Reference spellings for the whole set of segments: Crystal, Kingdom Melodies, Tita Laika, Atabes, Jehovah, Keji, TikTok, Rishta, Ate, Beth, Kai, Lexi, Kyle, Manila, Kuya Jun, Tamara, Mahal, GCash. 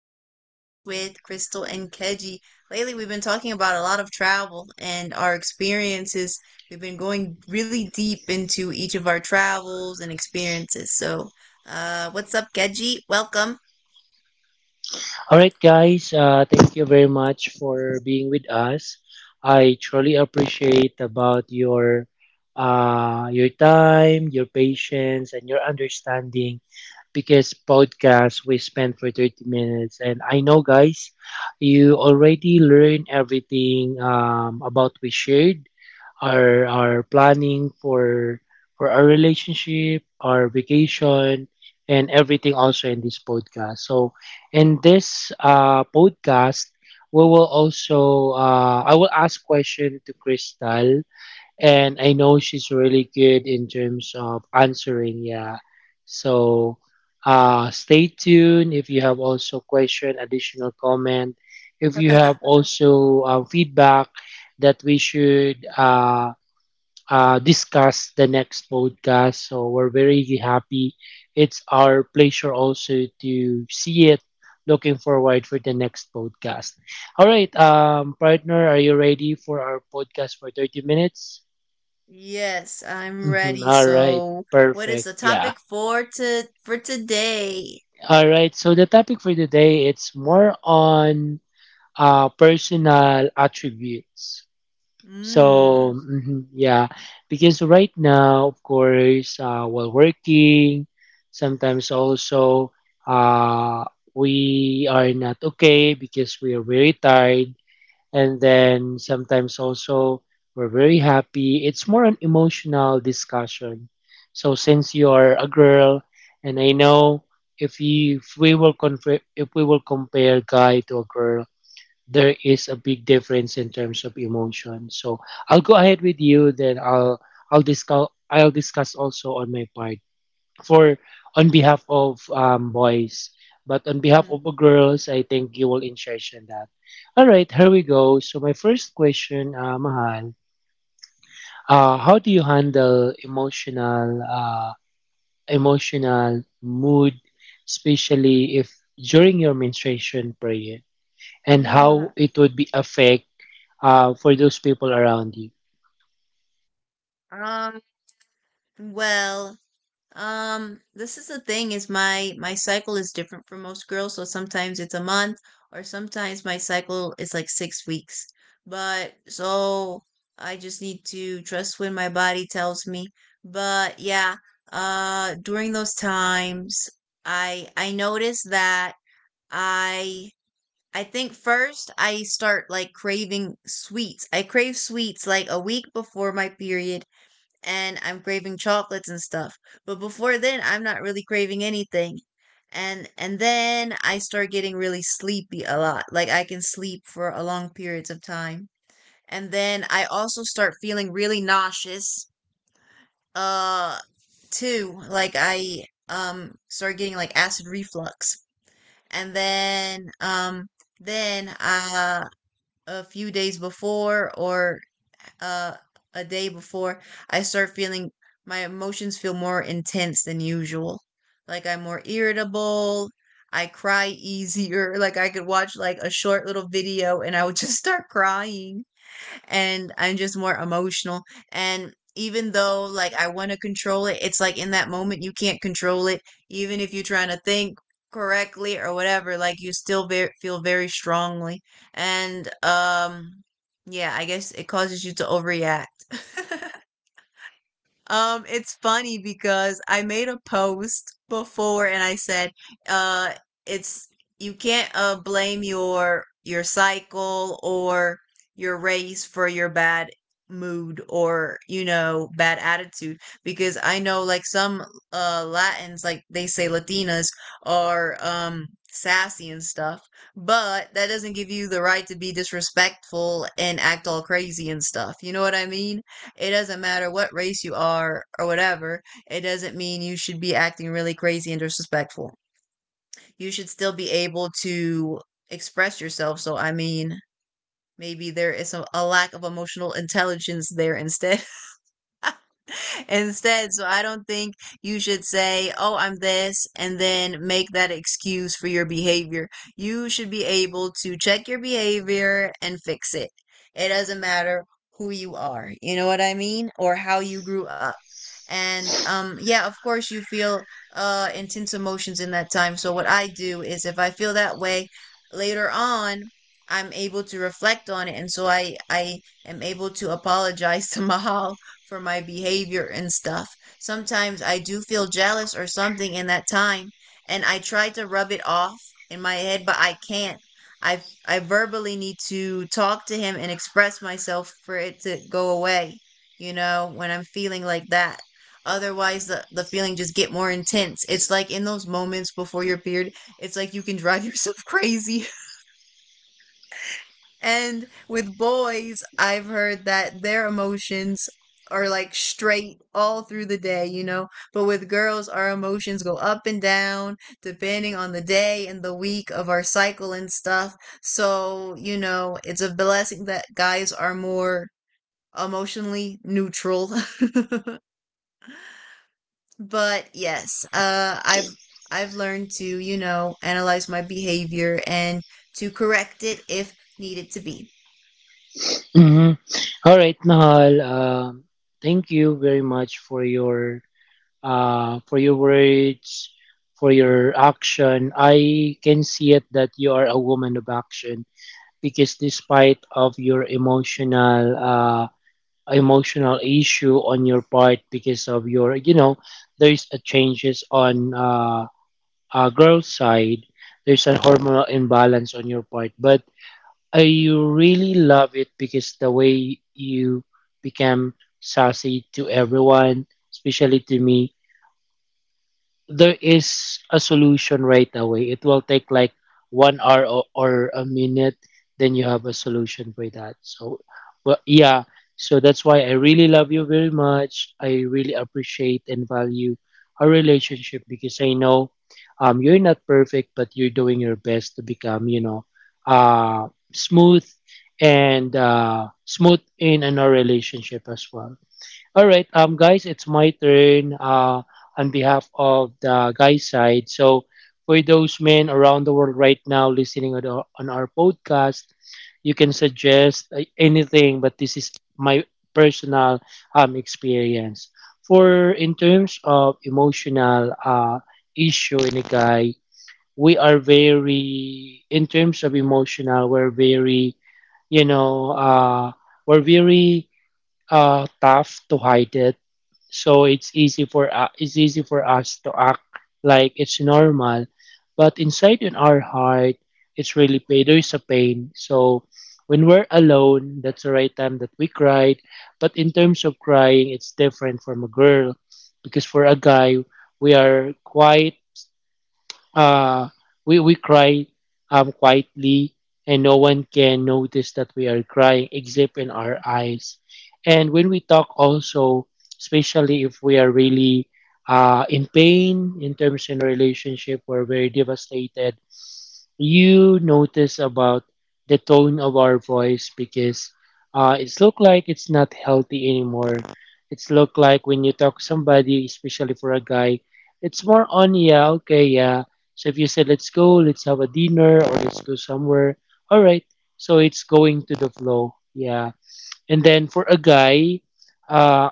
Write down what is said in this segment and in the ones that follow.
podcast with Crystal and Keji. Lately, we've been talking about a lot of travel and our experiences. We've been going really deep into each of our travels and experiences. So, what's up, Keji? Welcome. Alright guys, thank you very much for being with us. I truly appreciate about your time, your patience, and your understanding because podcast we spent for 30 minutes and I know guys, you already learned everything about we shared our planning for our relationship, our vacation, and everything also in this podcast. So in this podcast, we will also I will ask question to Crystal, and I know she's really good in terms of answering. Yeah, so. Stay tuned if you have also question additional comment if you have also feedback that we should discuss the next podcast. So we're very happy. It's our pleasure also to see it. Looking forward for the next podcast. All right, partner, are you ready for our podcast for 30 minutes? Yes, I'm Mhm. ready. All right, So, what is perfect. the Yeah. topic for to for today? All right, so the topic for today it's more on personal attributes. So, Mm. mhm, yeah, because right now, of course, while working, sometimes also uh, we are not okay because we are very tired. And then sometimes also we're very happy. It's more an emotional discussion. So, since you are a girl, and I know if we will confer, if we will compare guy to a girl, there is a big difference in terms of emotion. So I'll go ahead with you, then I'll discuss I'll discuss also on my part for on behalf of boys, but on behalf Mhm. of the girls, I think you will interest in that. All right, here we go. So my first question, Mahal, how do you handle emotional emotional mood, especially if during your menstruation period, and how it would be affect for those people around you? Um, well, this is the thing is my cycle is different from most girls, so sometimes it's a month or sometimes my cycle is like 6 weeks. But so I just need to trust when my body tells me. But yeah, during those times I notice that I I think first I start like craving sweets. I crave sweets like a week before my period and I'm craving chocolates and stuff. But before then, I'm not really craving anything. And then I start getting really sleepy a lot. Like I can sleep for a long periods of time. And then I also start feeling really nauseous. Uh too. Like I start getting like acid reflux. And then a few days before or uh, a day before, I start feeling my emotions feel more intense than usual. Like I'm more irritable. I cry easier. Like I could watch like a short little video and I would just start crying and I'm just more emotional. And even though like I want to control it, it's like in that moment you can't control it. Even if you're trying to think correctly or whatever, like you still very, feel very strongly. And Yeah, I guess it causes you to overreact. It's funny because I made a post before and I said, uh, it's you can't blame your cycle or your race for your bad mood or, you know, bad attitude because I know like some Latins, like they say Latinas are sassy and stuff, but that doesn't give you the right to be disrespectful and act all crazy and stuff, you know what I mean? It doesn't matter what race you are or whatever, it doesn't mean you should be acting really crazy and disrespectful. You should still be able to express yourself. So, I mean, maybe there is a lack of emotional intelligence there instead. Instead. So I don't think you should say, oh, I'm this, and then make that excuse for your behavior. You should be able to check your behavior and fix it. It doesn't matter who you are, you know what I mean? Or how you grew up. And Yeah, of course you feel intense emotions in that time. So what I do is if I feel that way later on, I'm able to reflect on it, and so I am able to apologize to Mahal for my behavior and stuff. Sometimes I do feel jealous or something in that time, and I try to rub it off in my head, but I can't. I verbally need to talk to him and express myself for it to go away, you know, when I'm feeling like that. Otherwise the feeling just get more intense. It's like in those moments before your period, it's like you can drive yourself crazy. And with boys, I've heard that their emotions are like straight all through the day, you know? But with girls, our emotions go up and down depending on the day and the week of our cycle and stuff. So, you know, it's a blessing that guys are more emotionally neutral. But yes, I've I've learned to, you know, analyze my behavior and to correct it if needed to be. Mhm. All right, Mahal. Thank you very much for your words, for your action. I can see it that you are a woman of action because despite of your emotional emotional issue on your part because of your, you know, there's a changes on girl side, there's a hormonal imbalance on your part, but I really love it because the way you become sassy to everyone, especially to me, there is a solution right away. It will take like 1 hour or a minute, then you have a solution for that. So, well, yeah. So that's why I really love you very much. I really appreciate and value our relationship because I know you're not perfect, but you're doing your best to become, you know, uh, smooth and smooth in our relationship as well. All right, guys, it's my turn. On behalf of the guy side, so for those men around the world right now listening on on our podcast, you can suggest anything, but this is my personal experience. For in terms of emotional issue in a guy, we are very in terms of emotional, we're very, you know, we're very tough to hide it, so it's easy for us to act like it's normal, but inside in our heart it's really pain, there is a pain. So when we're alone, that's the right time that we cried. But in terms of crying, it's different from a girl because for a guy we are quiet. Uh, we cry quietly, and no one can notice that we are crying except in our eyes. And when we talk, also, especially if we are really in pain in terms in relationship, we're very devastated. You notice about the tone of our voice because it's look like it's not healthy anymore. It's look like when you talk to somebody, especially for a guy, it's more on yeah, okay, yeah. So if you say let's go, let's have a dinner or let's go somewhere, all right. So it's going to the flow, yeah. And then for a guy, uh,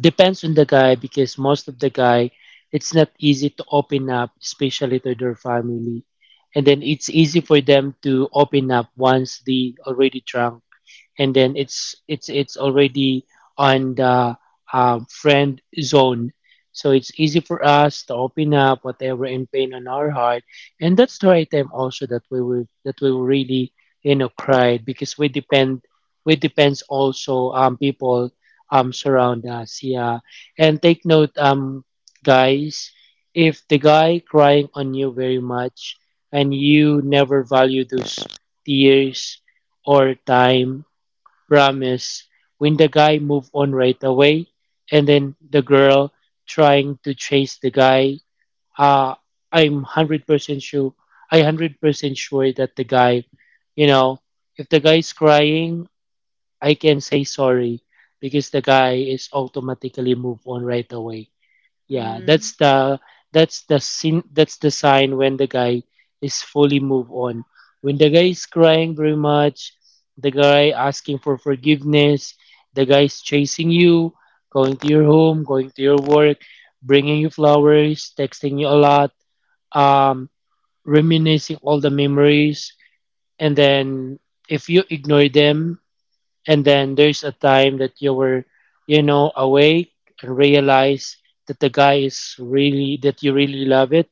depends on the guy because most of the guy it's not easy to open up especially to their family, and then it's easy for them to open up once they already drunk, and then it's already on the friend zone, so it's easy for us to open up whatever in pain on our heart. And that's the right time also that we will really, you know, cry because we depends also people surround us, yeah. And take note, guys, if the guy crying on you very much and you never value those tears or time. Promise, when the guy moved on right away, and then the girl trying to chase the guy. Uh, I'm 100% sure. I 100% sure that the guy, you know, if the guy is crying, I can say sorry because the guy is automatically moved on right away. Yeah, Hmm. That's the sin that's the sign when the guy is fully move on. When the guy is crying very much, the guy asking for forgiveness, the guy is chasing you, going to your home, going to your work, bringing you flowers, texting you a lot, um, reminiscing all the memories, and then if you ignore them, and then there's a time that you were, you know, awake and realize that the guy is really, that you really love it.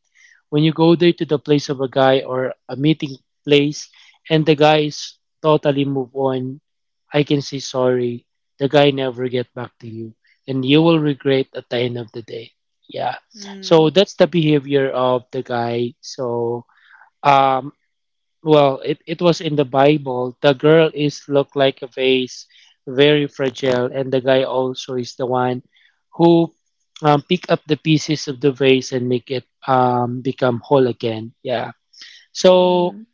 When you go there to the place of a guy or a meeting place and the guy is totally move on, I can say sorry. The guy never get back to you and you will regret at the end of the day. Yeah. So Mm, that's the behavior of the guy. So, um, well it was in the bible, the girl is look like a vase, very fragile, and the guy also is the one who pick up the pieces of the vase and make it become whole again, yeah. So mm,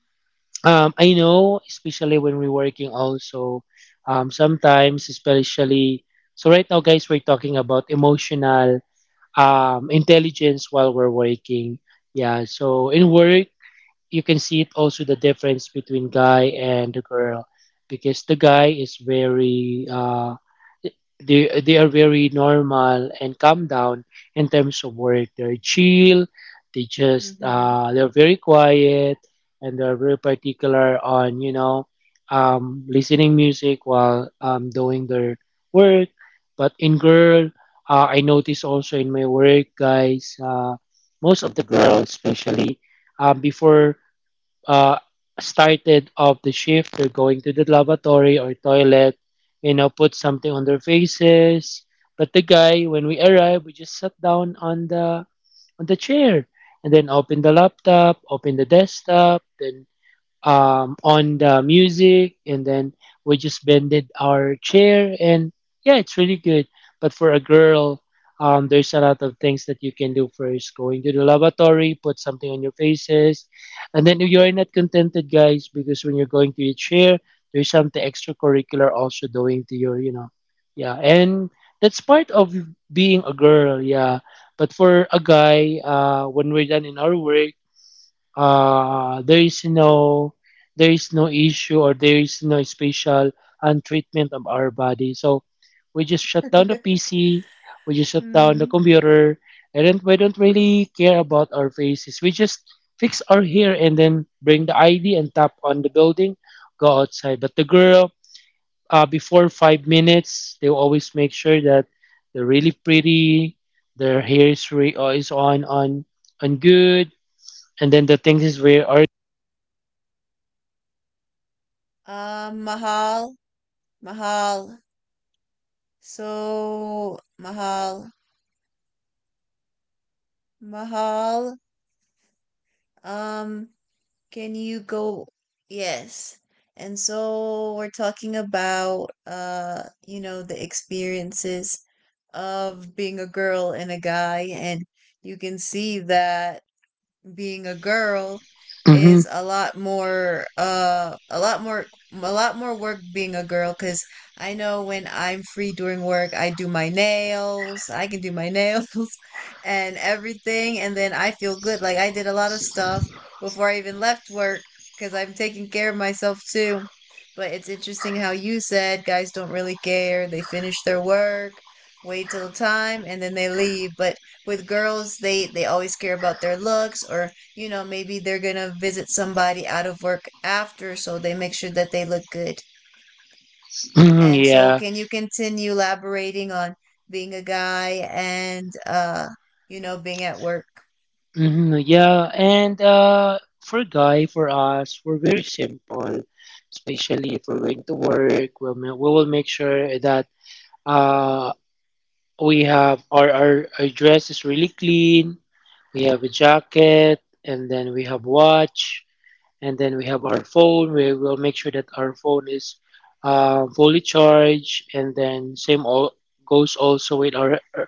I know especially when we're working also sometimes especially, so right now guys we're talking about emotional intelligence while we're working, yeah. So in work you can see it also the difference between guy and the girl because the guy is very they are very normal and calm down. In terms of work they're chill, they just mhm. They're very quiet, and they're very particular on, you know, listening music while doing their work. But in girl, I notice also in my work, guys, most of the girls especially before uh, started off the shift, they're going to the lavatory or toilet, you know, put something on their faces. But the guy, when we arrived, we just sat down on the chair, and then open the laptop, open the desktop, then on the music, and then we just bended our chair, and yeah, it's really good. But for a girl, there's a lot of things that you can do first. Going to the lavatory, put something on your faces, and then you are not contented, guys, because when you're going to your chair, there's something extracurricular also doing to your, you know, yeah, and that's part of being a girl, yeah. But for a guy, when we're done in our work, uh, there is no there is no issue or there is no special and treatment of our body. So we just shut down the PC, we just shut down the Mm. computer, and then we don't really care about our faces. We just fix our hair and then bring the ID and tap on the building, go outside. But the girl, before 5 minutes, they will always make sure that they're really pretty, their hair is on good, and then the things is where are Mahal, Mahal. So, Mahal, Mahal, um, can you go? Yes. And so we're talking about, you know, the experiences of being a girl and a guy, and you can see that being a girl Mm-hmm. is a lot more work being a girl because I know when I'm free during work I do my nails, I can do my nails and everything, and then I feel good like I did a lot of stuff before I even left work because I'm taking care of myself too. But it's interesting how you said guys don't really care, they finish their work, wait till time, and then they leave. But with girls they always care about their looks, or, you know, maybe they're gonna visit somebody out of work after, so they make sure that they look good. hmm And so yeah. can you continue elaborating on being a guy and, you know, being at work? Hmm, yeah. And for guy, for us, we're very simple. Especially if we're going to work, we will make sure that uh we have our our dress is really clean. We have a jacket, and then we have watch, and then we have our phone. We will make sure that our phone is fully charged, and then same all goes also with our uh,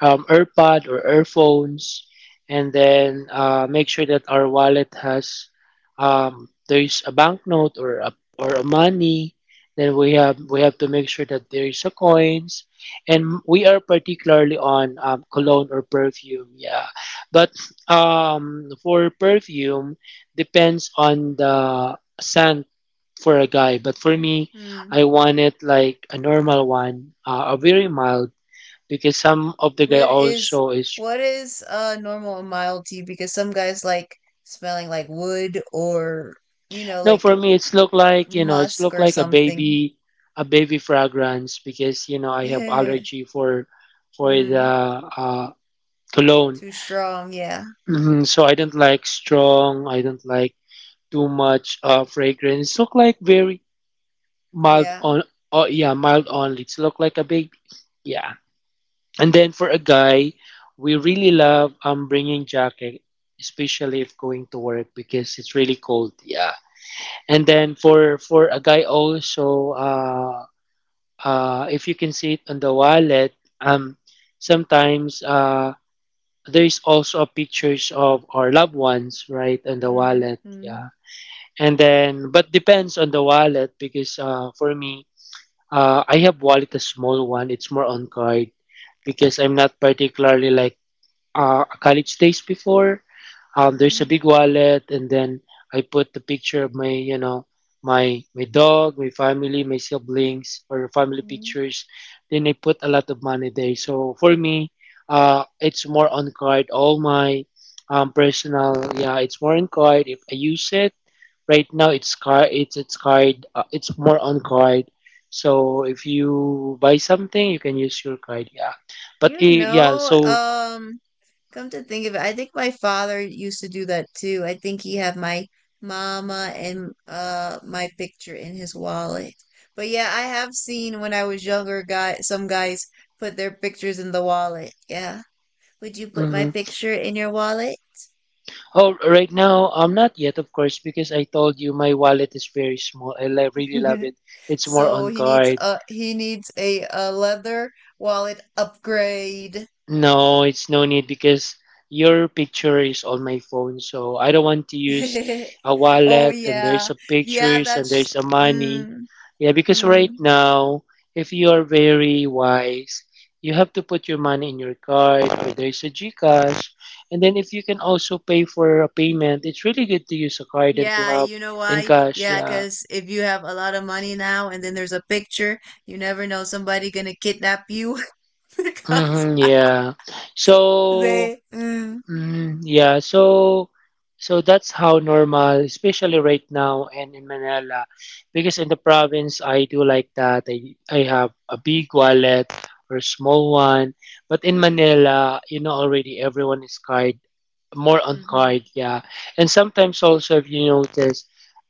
um, earpod or earphones. And then make sure that our wallet has there's a banknote or a money, then we have to make sure that there is a coins. And we are particularly on cologne or perfume, yeah. But for perfume depends on the scent for a guy, but for me, Hmm. I want it like a normal one, a very mild, because some of the guy what is also is. what is normal and mild to you? Because some guys like smelling like wood, or, you know, No, for like me, it's look like it's musk look or like something. A baby fragrance because you know I have Mm, allergy for for the uh, cologne. too strong, yeah. Mhm, so I don't like strong. I don't like too much fragrance. Look like very mild Yeah. on. Oh yeah, mild only. It's look like a baby. Yeah. And then for a guy, we really love bringing jacket, especially if going to work because it's really cold. Yeah. And then for a guy also, if you can see it on the wallet, um, sometimes there is also pictures of our loved ones right on the wallet. Mhm, Yeah. And then, but depends on the wallet because for me, I have wallet a small one. It's more on card because I'm not particularly like college days before. There's a mhm, big wallet, and then I put the picture of my my dog, my family, my siblings, or family mhm. pictures. Then I put a lot of money there. So for me, it's more on card. All my personal, yeah, it's more on card. If I use it right now, it's card. It's card. It's more on card. So if you buy something, you can use your card. Yeah, but You yeah. know, So. Come to think of it, I think my father used to do that too. I think he had my mama and my picture in his wallet. But yeah, I have seen when I was younger, guy some guys put their pictures in the wallet. Yeah. Would you put my Mhm. picture in your wallet? Oh, right now, not yet, of course, because I told you my wallet is very small. I really love it. It's more So on he needs card. a he needs a, a leather wallet upgrade. No, it's no need because your picture is on my phone, so I don't want to use a Oh wallet and yeah. there's a Yeah, pictures and that's there's a money. mm, Yeah, because mm. right now, if you are very wise, you have to put your money in your card or there's a GCash. And then if you can also pay for a payment, it's really good to use a card and to Yeah, have you know in why? cash. Yeah, Yeah. cause if you have a lot of money now and then there's a picture, you never know, somebody gonna kidnap you because Mm-hmm, yeah. So. they mm, Mm, yeah, so that's how normal, especially right now and in Manila, because in the province I do like that. I have a big wallet or small one, but in Manila, you know already everyone is card, more on mm-hmm, card, yeah. And sometimes also if you notice,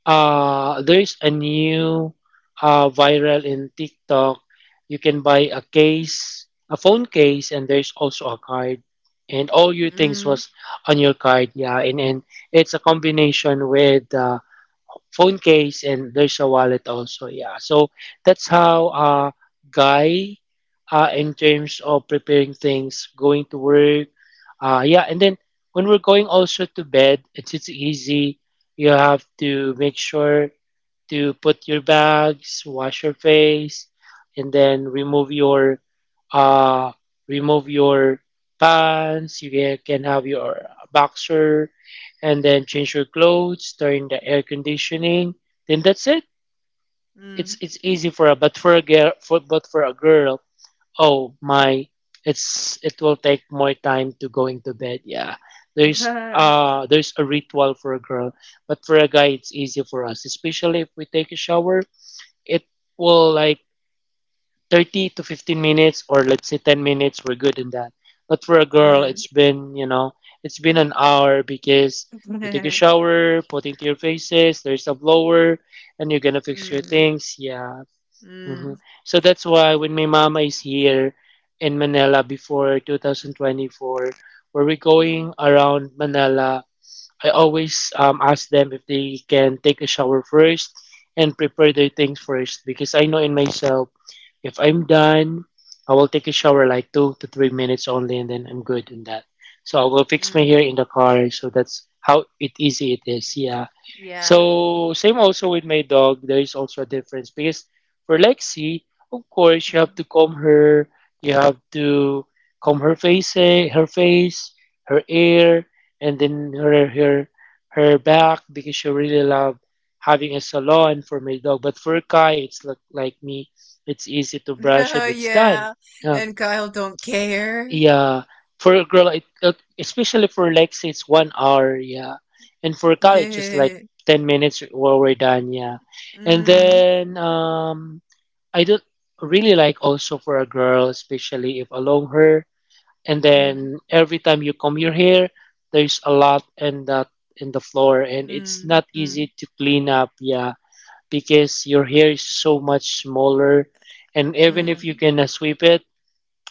there's a new viral in TikTok. You can buy a case, a phone case, and there's also a card and all your things mm, was on your card, yeah. And it's a combination with phone case and there's a wallet also, yeah. So that's how guy in terms of preparing things going to work, yeah. And then when we're going also to bed, it's easy. You have to make sure to put your bags, wash your face, and then uh, remove your pants. You can have your boxer, and then change your clothes, turn the air conditioning. Then that's it. It's mm, it's easy for a, but for a girl, for a girl. Oh my, it's it will take more time to going to bed. Yeah, mm, there's a ritual for a girl, but for a guy it's easier for us, especially if we take a shower, it will like 30 to 15 minutes, or let's say 10 minutes we're good in that. But for a girl it's been, you know, it's been an hour because you take a mm, shower, put into your faces, there's a blower, and you're gonna fix your mm, things, yeah. Hmm. mm, So that's why when my mama is here in Manila before 2024, where we're going around Manila, I always ask them if they can take a shower first and prepare their things first because I know in myself, if I'm done, I will take a shower like 2 to 3 minutes only and then I'm good in that. So I will fix my mm, hair in the car. So that's how it easy it is. Yeah. yeah. So same also with my dog, there is also a difference because for Lexi, of course, you have Mm. to comb her, you have to comb her face, her face, her ear, and then her back because she really love having a salon for my dog. But for Kai, it's look like me, it's easy to brush it, it's done. Yeah, Yeah. and Kyle don't care. Yeah, for a girl, especially for Lex, it's 1 hour. Yeah, and for college, it's like 10 minutes while we're done. Yeah, and Mm, then I do really like also for a girl, especially if along her. And mm. then every time you comb your hair, there's a lot in that, in the floor, and it's Mm, not mm, easy to clean up. Yeah, because your hair is so much smaller, and even if you mm, gonna sweep it,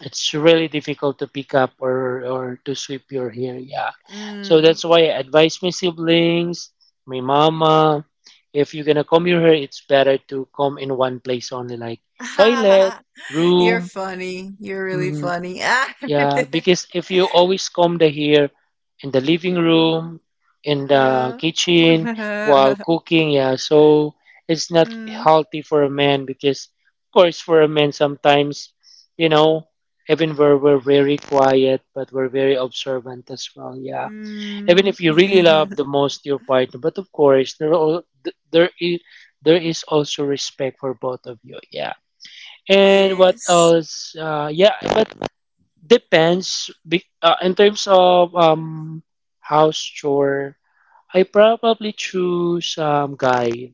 it's really difficult to pick up, or to sweep your hair. Yeah. So that's mm. why I advise my siblings, my mama, if you're gonna comb your hair, it's better to comb in one place only, like toilet, You're room. funny. You're really Mm. funny. Yeah, because if you always comb the hair in the living room, in the Ah. kitchen, while Uh, cooking, yeah, so it's not mm, healthy for a man because, of course, for a man, sometimes, you know, even we're very quiet, but we're very observant as well, yeah. Even mm. if you really love the most your partner, but of course, there, are al- th- there is also respect for both of you, yeah. And what Yes. else? Yeah, but depends. In terms of house chore, I probably choose guy.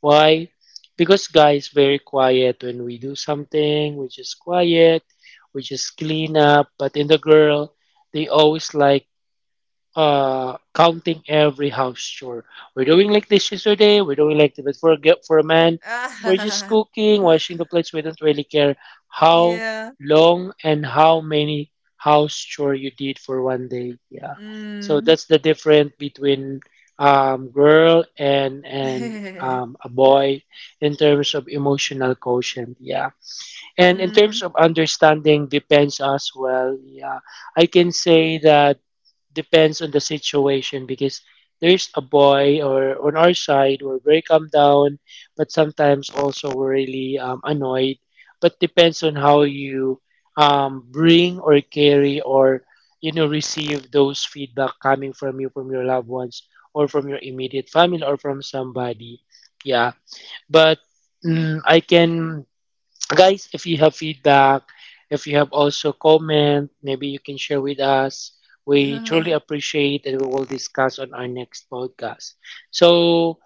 Why? Because guy is very quiet when we do something. We just quiet. We just clean up. But in the girl, they always like counting every house chore. We're doing like dishes today, we're doing like the, but for a g- for a man, we're just Ah. cooking, washing the plates. We don't really care how Yeah. long and how many house chore you did for one day. Yeah. So Mm. that's the difference between girl and a boy in terms of emotional quotient. Yeah. And in terms Mm. of understanding depends as well. Yeah. I can say that depends on the situation because there's a boy or on our side we're very calm down, but sometimes also we're really annoyed, but depends on how you bring or carry or you know receive those feedback coming from you, from your loved ones or from your immediate family or from somebody, yeah. But I can, guys, if you have feedback, if you have also comment, maybe you can share with us. We truly appreciate and we will discuss on our next podcast. So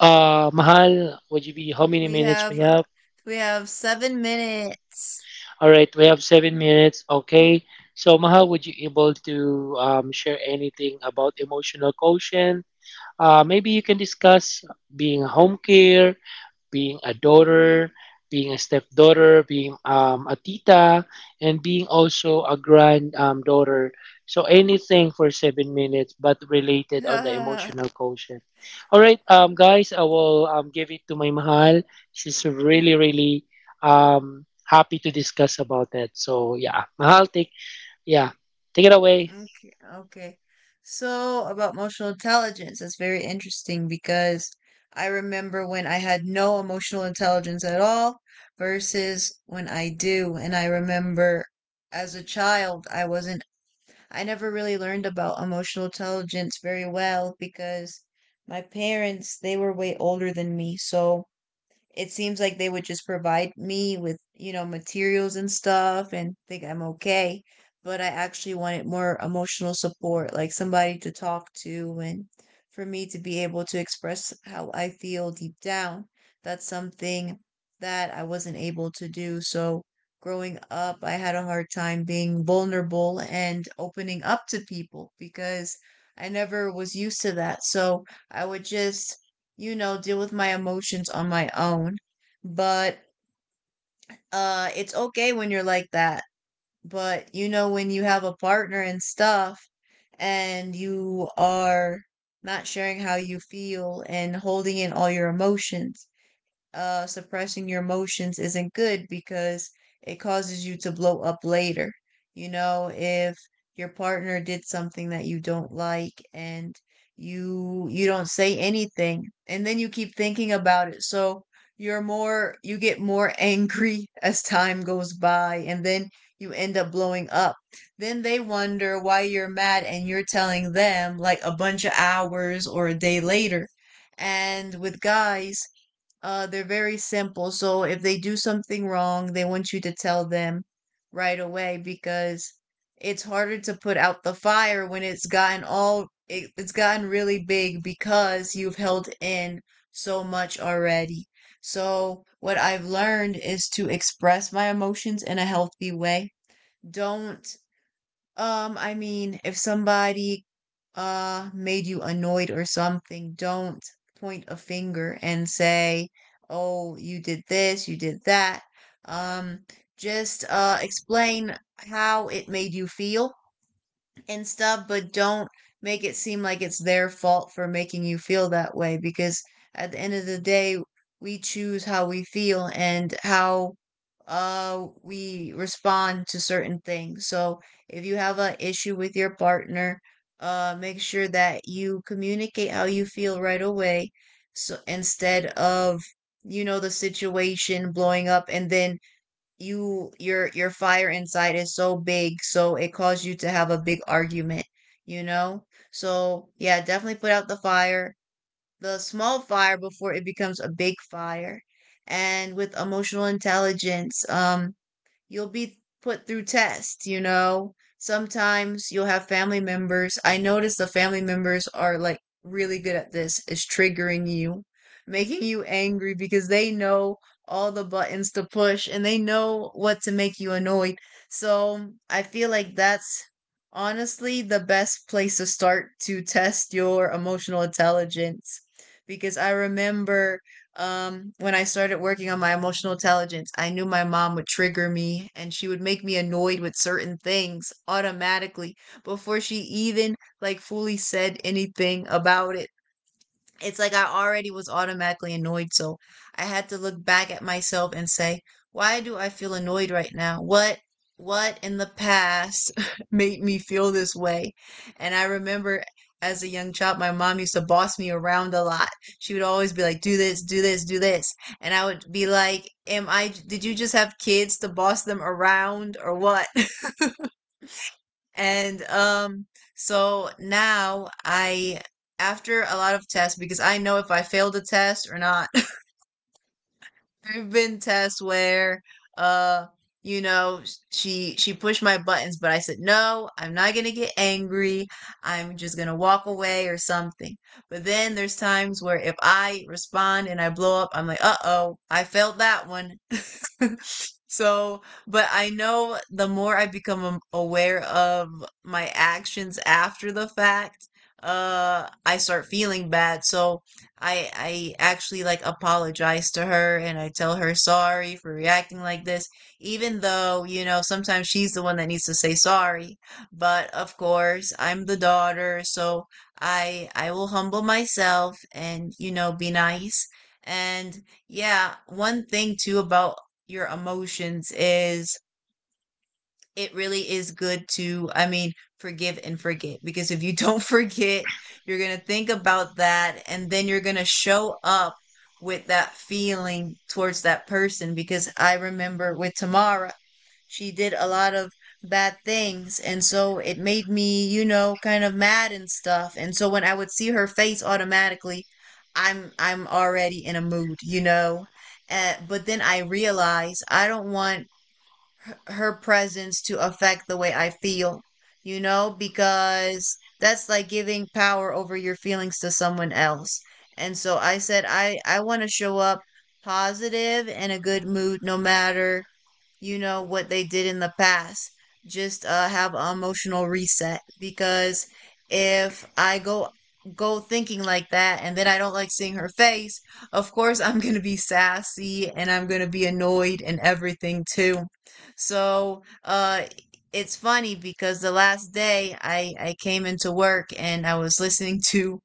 mahal, would you be, how many We minutes we have have? we have 7 minutes. All right, we have 7 minutes, okay. So mahal, would you able to share anything about emotional quotient? Maybe you can discuss being home care, being a daughter, being a stepdaughter, being a tita, and being also a grand daughter. So anything for 7 minutes, but related on the emotional quotient. All right, guys, I will give it to my mahal. She's really, really happy to discuss about that. So yeah, mahal, take, yeah, take it away. Okay, okay. So about emotional intelligence, that's very interesting because I remember when I had no emotional intelligence at all versus when I do. And I remember as a child, I wasn't, I never really learned about emotional intelligence very well because my parents, they were way older than me. So it seems like they would just provide me with, you know, materials and stuff and think I'm okay. But I actually wanted more emotional support, like somebody to talk to and for me to be able to express how I feel deep down. That's something that I wasn't able to do. So growing up, I had a hard time being vulnerable and opening up to people because I never was used to that. So I would just, you know, deal with my emotions on my own. But it's okay when you're like that. But you know, when you have a partner and stuff and you are not sharing how you feel and holding in all your emotions, suppressing your emotions isn't good because it causes you to blow up later. You know, if your partner did something that you don't like and you don't say anything and then you keep thinking about it, so you get more angry as time goes by, and then you end up blowing up. Then they wonder why you're mad, and you're telling them like a bunch of hours or a day later. And with guys, they're very simple. So if they do something wrong, they want you to tell them right away because it's harder to put out the fire when it's gotten really big because you've held in so much already. So what I've learned is to express my emotions in a healthy way. Don't I mean, if somebody made you annoyed or something, don't point a finger and say, "Oh, you did this, you did that." Um, just explain how it made you feel and stuff, but don't make it seem like it's their fault for making you feel that way, because at the end of the day, we choose how we feel and how we respond to certain things. So if you have an issue with your partner, make sure that you communicate how you feel right away, so instead of, you know, the situation blowing up and then your fire inside is so big, so it caused you to have a big argument, you know. So yeah, definitely put out the fire, the small fire, before it becomes a big fire. And with emotional intelligence, you'll be put through tests, you know. Sometimes you'll have family members. I notice the family members are like really good at this, is triggering you, making you angry because they know all the buttons to push and they know what to make you annoyed. So I feel like that's honestly the best place to start to test your emotional intelligence because I remember when I started working on my emotional intelligence, I knew my mom would trigger me and she would make me annoyed with certain things automatically before she even like fully said anything about it. It's like I already was automatically annoyed, so I had to look back at myself and say, why do I feel annoyed right now? What in the past made me feel this way? And I remember as a young child, my mom used to boss me around a lot. She would always be like, "Do this, do this, do this," and I would be like, "Am I? Did you just have kids to boss them around, or what?" And so now I, after a lot of tests, because I know if I failed a test or not, there've been tests where uh she pushed my buttons, but I said, "No, I'm not going to get angry. I'm just going to walk away or something." But then there's times where if I respond and I blow up, I'm like, "Uh-oh, I failed that one." So but I know the more I become aware of my actions after the fact, I start feeling bad. So I actually like apologize to her and I tell her sorry for reacting like this, even though, you know, sometimes she's the one that needs to say sorry. But of course, I'm the daughter, so I will humble myself and, you know, be nice. And yeah, one thing too about your emotions is it really is good to, I mean, forgive and forget because if you don't forget, you're going to think about that and then you're going to show up with that feeling towards that person because I remember with Tamara, she did a lot of bad things and so it made me, you know, kind of mad and stuff. And so when I would see her face automatically, I'm already in a mood, you know. But then I realize I don't want her presence to affect the way I feel, you know, because that's like giving power over your feelings to someone else. And so I said I want to show up positive and a good mood no matter what they did in the past. Just have an emotional reset because if I go thinking like that and then I don't like seeing her face, of course I'm going to be sassy and I'm going to be annoyed and everything too. So it's funny because the last day I came into work and I was listening to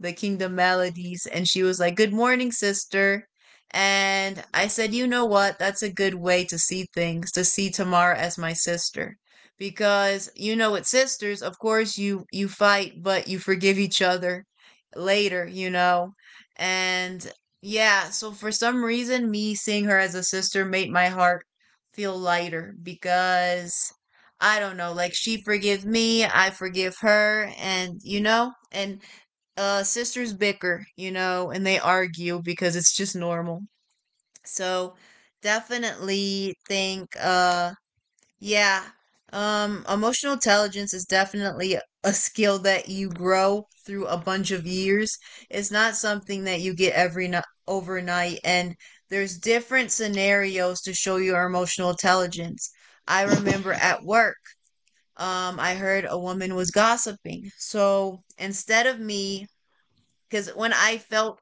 the Kingdom Melodies, and she was like, "Good morning, sister." And I said, "You know what? That's a good way to see things, to see Tamara as my sister. Because you know with sisters, of course you fight, but you forgive each other later, you know." And yeah, so for some reason me seeing her as a sister made my heart feel lighter because I don't know, like she forgives me, I forgive her, and sisters bicker, you know, and they argue because it's just normal. So definitely think yeah, emotional intelligence is definitely a skill that you grow through a bunch of years. It's not something that you get every overnight, and there's different scenarios to show your emotional intelligence. I remember at work, I heard a woman was gossiping. So instead of me, because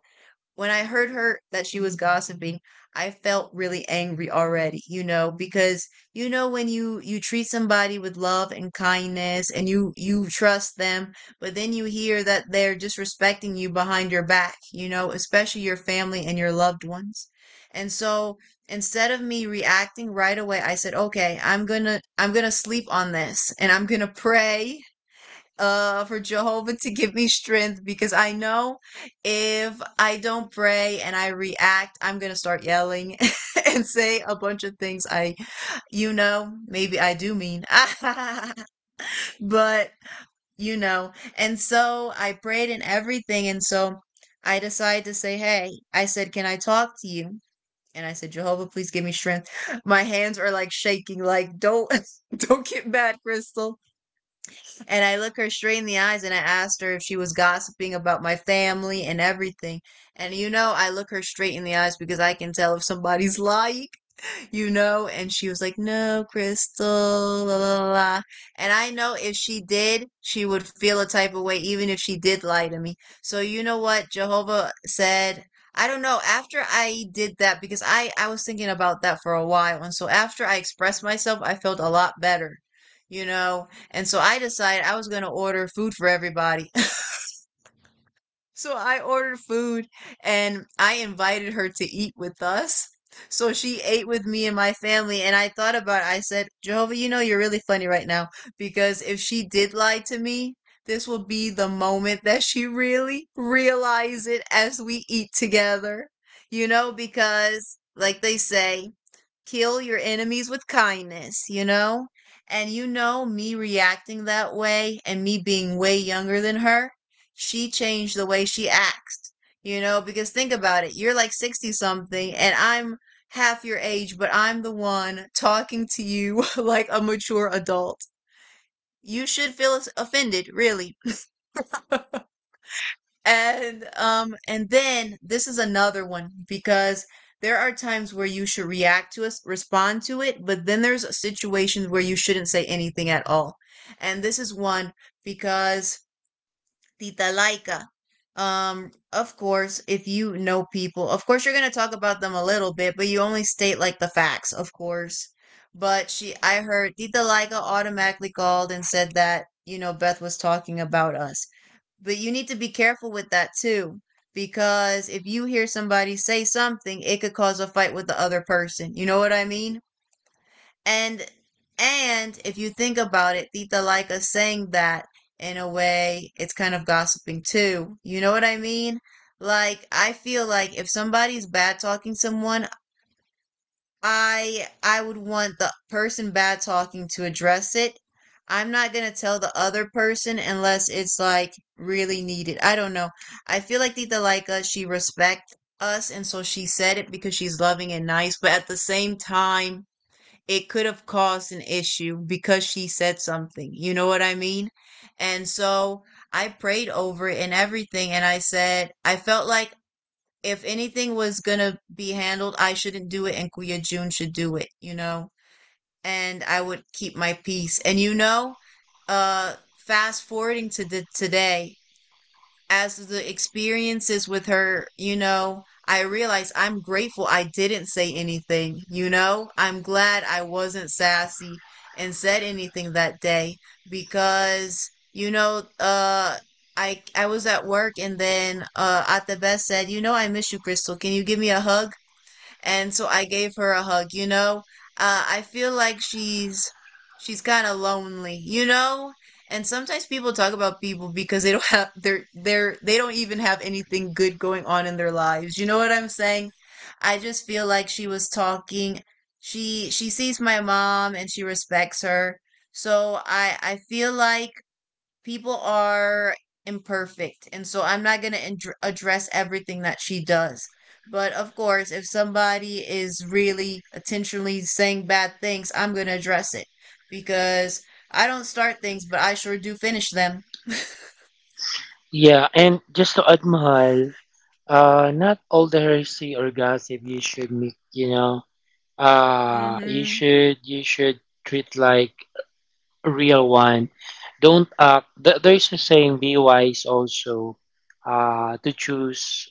when I heard her that she was gossiping, I felt really angry already, you know, because you know when you treat somebody with love and kindness and you trust them, but then you hear that they're disrespecting you behind your back, you know, especially your family and your loved ones. And so instead of me reacting right away, I said, "Okay, I'm going to sleep on this and I'm going to pray for Jehovah to give me strength because I know if I don't pray and I react, I'm gonna start yelling and say a bunch of things maybe I do mean but you know," and so I prayed and everything and so I decided to say, "Hey," I said, "Can I talk to you?" And I said, "Jehovah, please give me strength. My hands are like shaking, like, don't don't get mad, Crystal." And I look her straight in the eyes and I asked her if she was gossiping about my family and everything. And you know, I look her straight in the eyes because I can tell if somebody's lying, you know? And she was like, "No, Crystal, la, la, la." And I know if she did, she would feel a type of way, even if she did lie to me. So you know what Jehovah said? I don't know. After I did that, because I was thinking about that for a while. And so after I expressed myself, I felt a lot better, you know? And so I decided I was going to order food for everybody. So I ordered food and I invited her to eat with us. So she ate with me and my family. And I thought about it. I said, "Jehovah, you know, you're really funny right now because if she did lie to me, this will be the moment that she really realize it as we eat together. You know, because like they say, kill your enemies with kindness, you know?" And you know, me reacting that way and me being way younger than her, she changed the way she acts, you know? Because think about it, you're like 60 something, and I'm half your age, but I'm the one talking to you like a mature adult. You should feel offended, really. And then this is another one because there are times where you should react to us, respond to it, but then there's situations where you shouldn't say anything at all. And this is one because Tita Laika. Of course, if you know people, of course you're gonna talk about them a little bit, but you only state like the facts, of course. But she I heard Tita Laika automatically called and said that, you know, Beth was talking about us. But you need to be careful with that too, because if you hear somebody say something, it could cause a fight with the other person. You know what I mean? And and if you think about it, Tita Laika saying that in a way, it's kind of gossiping too. You know what I mean? Like I feel like if somebody's bad talking someone, I would want the person bad talking to address it. I'm not going to tell the other person unless it's like really needed. I don't know. I feel like Tita Laika, she respect us and so she said it because she's loving and nice, but at the same time, it could have caused an issue because she said something. You know what I mean? And so I prayed over it and everything and I said I felt like if anything was gonna be handled, I shouldn't do it, and Kuya Jun should do it, you know. And I would keep my peace. And you know, fast forwarding to today, as the experiences with her, you know, I realize I'm grateful I didn't say anything, you know? I'm glad I wasn't sassy and said anything that day because, you know, I was at work and then Atabes said, "You know I miss you, Crystal. Can you give me a hug?" And so I gave her a hug. You know, I feel like she's kind of lonely. You know, and sometimes people talk about people because they don't have they're they don't even have anything good going on in their lives. You know what I'm saying? I just feel like she was talking. She sees my mom and she respects her. So I feel like people are imperfect, and so I'm not going to address everything that she does. But of course, if somebody is really intentionally saying bad things, I'm going to address it because I don't start things, but I sure do finish them. Yeah, and just to add, mahal, not all the heresy or gossip you should make, you know. You Mhm. should you should treat like a real one. Don't act. There's a saying, be wise also. To choose,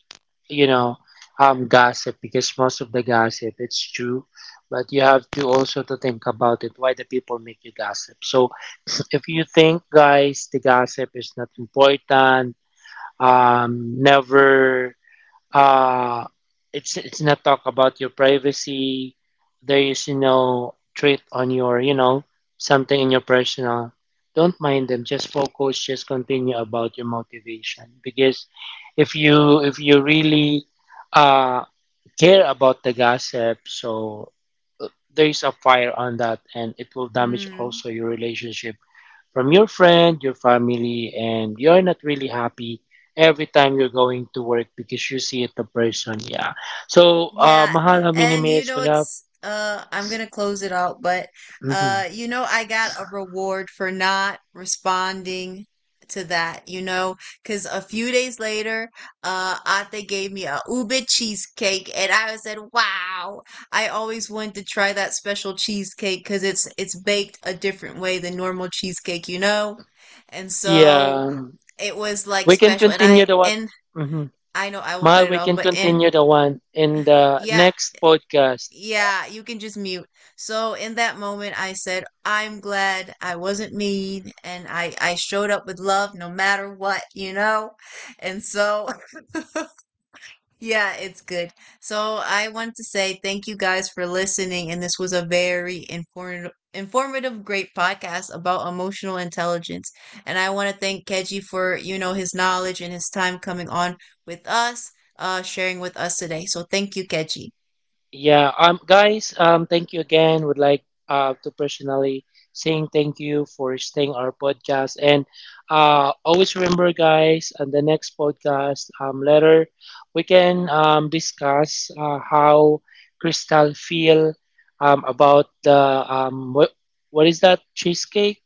you know, gossip, because most of the gossip it's true, but you have to also to think about it. Why the people make you gossip? So if you think, guys, the gossip is not important, never. uh, it's not talk about your privacy. There is no threat on your, you know, something in your personal. Don't mind them. Just focus. Just continue about your motivation because if you really uh, care about the gossip, so there is a fire on that, and it will damage Mm. also your relationship from your friend, your family, and you're not really happy every time you're going to work because you see it the person. Yeah. So, Yeah, mahal, how many and you minutes know we have? it's I'm gonna close it out, but Hmm. You know I got a reward for not responding to that, you know, because a few days later, uh Ate gave me a ube cheesecake, and I said, "Wow, I always wanted to try that special cheesecake because it's baked a different way than normal cheesecake, you know." And so Yeah. it was like We can special, and continue the what? Hmm. I know I will cut Mahal, it we off, can but and continue the one in the yeah, next podcast. yeah, you can just mute. So in that moment, I said, "I'm glad I wasn't mean and I showed up with love no matter what, you know?" And so, yeah, it's good. So I want to say thank you guys for listening. And this was a very informative, great podcast about emotional intelligence. And I want to thank Keji for, you know, his knowledge and his time coming on with us, sharing with us today. So thank you, Keji. Yeah, guys, thank you again. Would like to personally saying thank you for staying our podcast. And always remember, guys, on the next podcast later we can discuss how Crystal feel about the what is that cheesecake?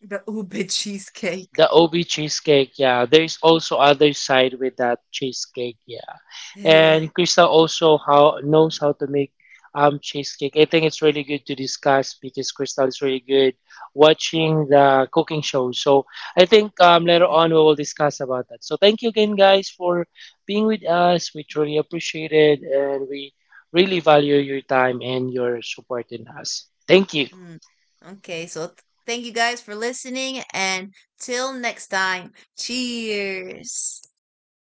The Uber cheesecake. The OB cheesecake, yeah. There is also other side with that cheesecake, yeah. And Crystal also how knows how to make cheesecake. I think it's really good to discuss because Crystal is really good watching the cooking show. So I think later on we will discuss about that. So thank you again guys for being with us. We truly appreciate it and we really value your time and your support in us. Thank you. Mm. Okay, so thank you guys for listening and till next time. Cheers.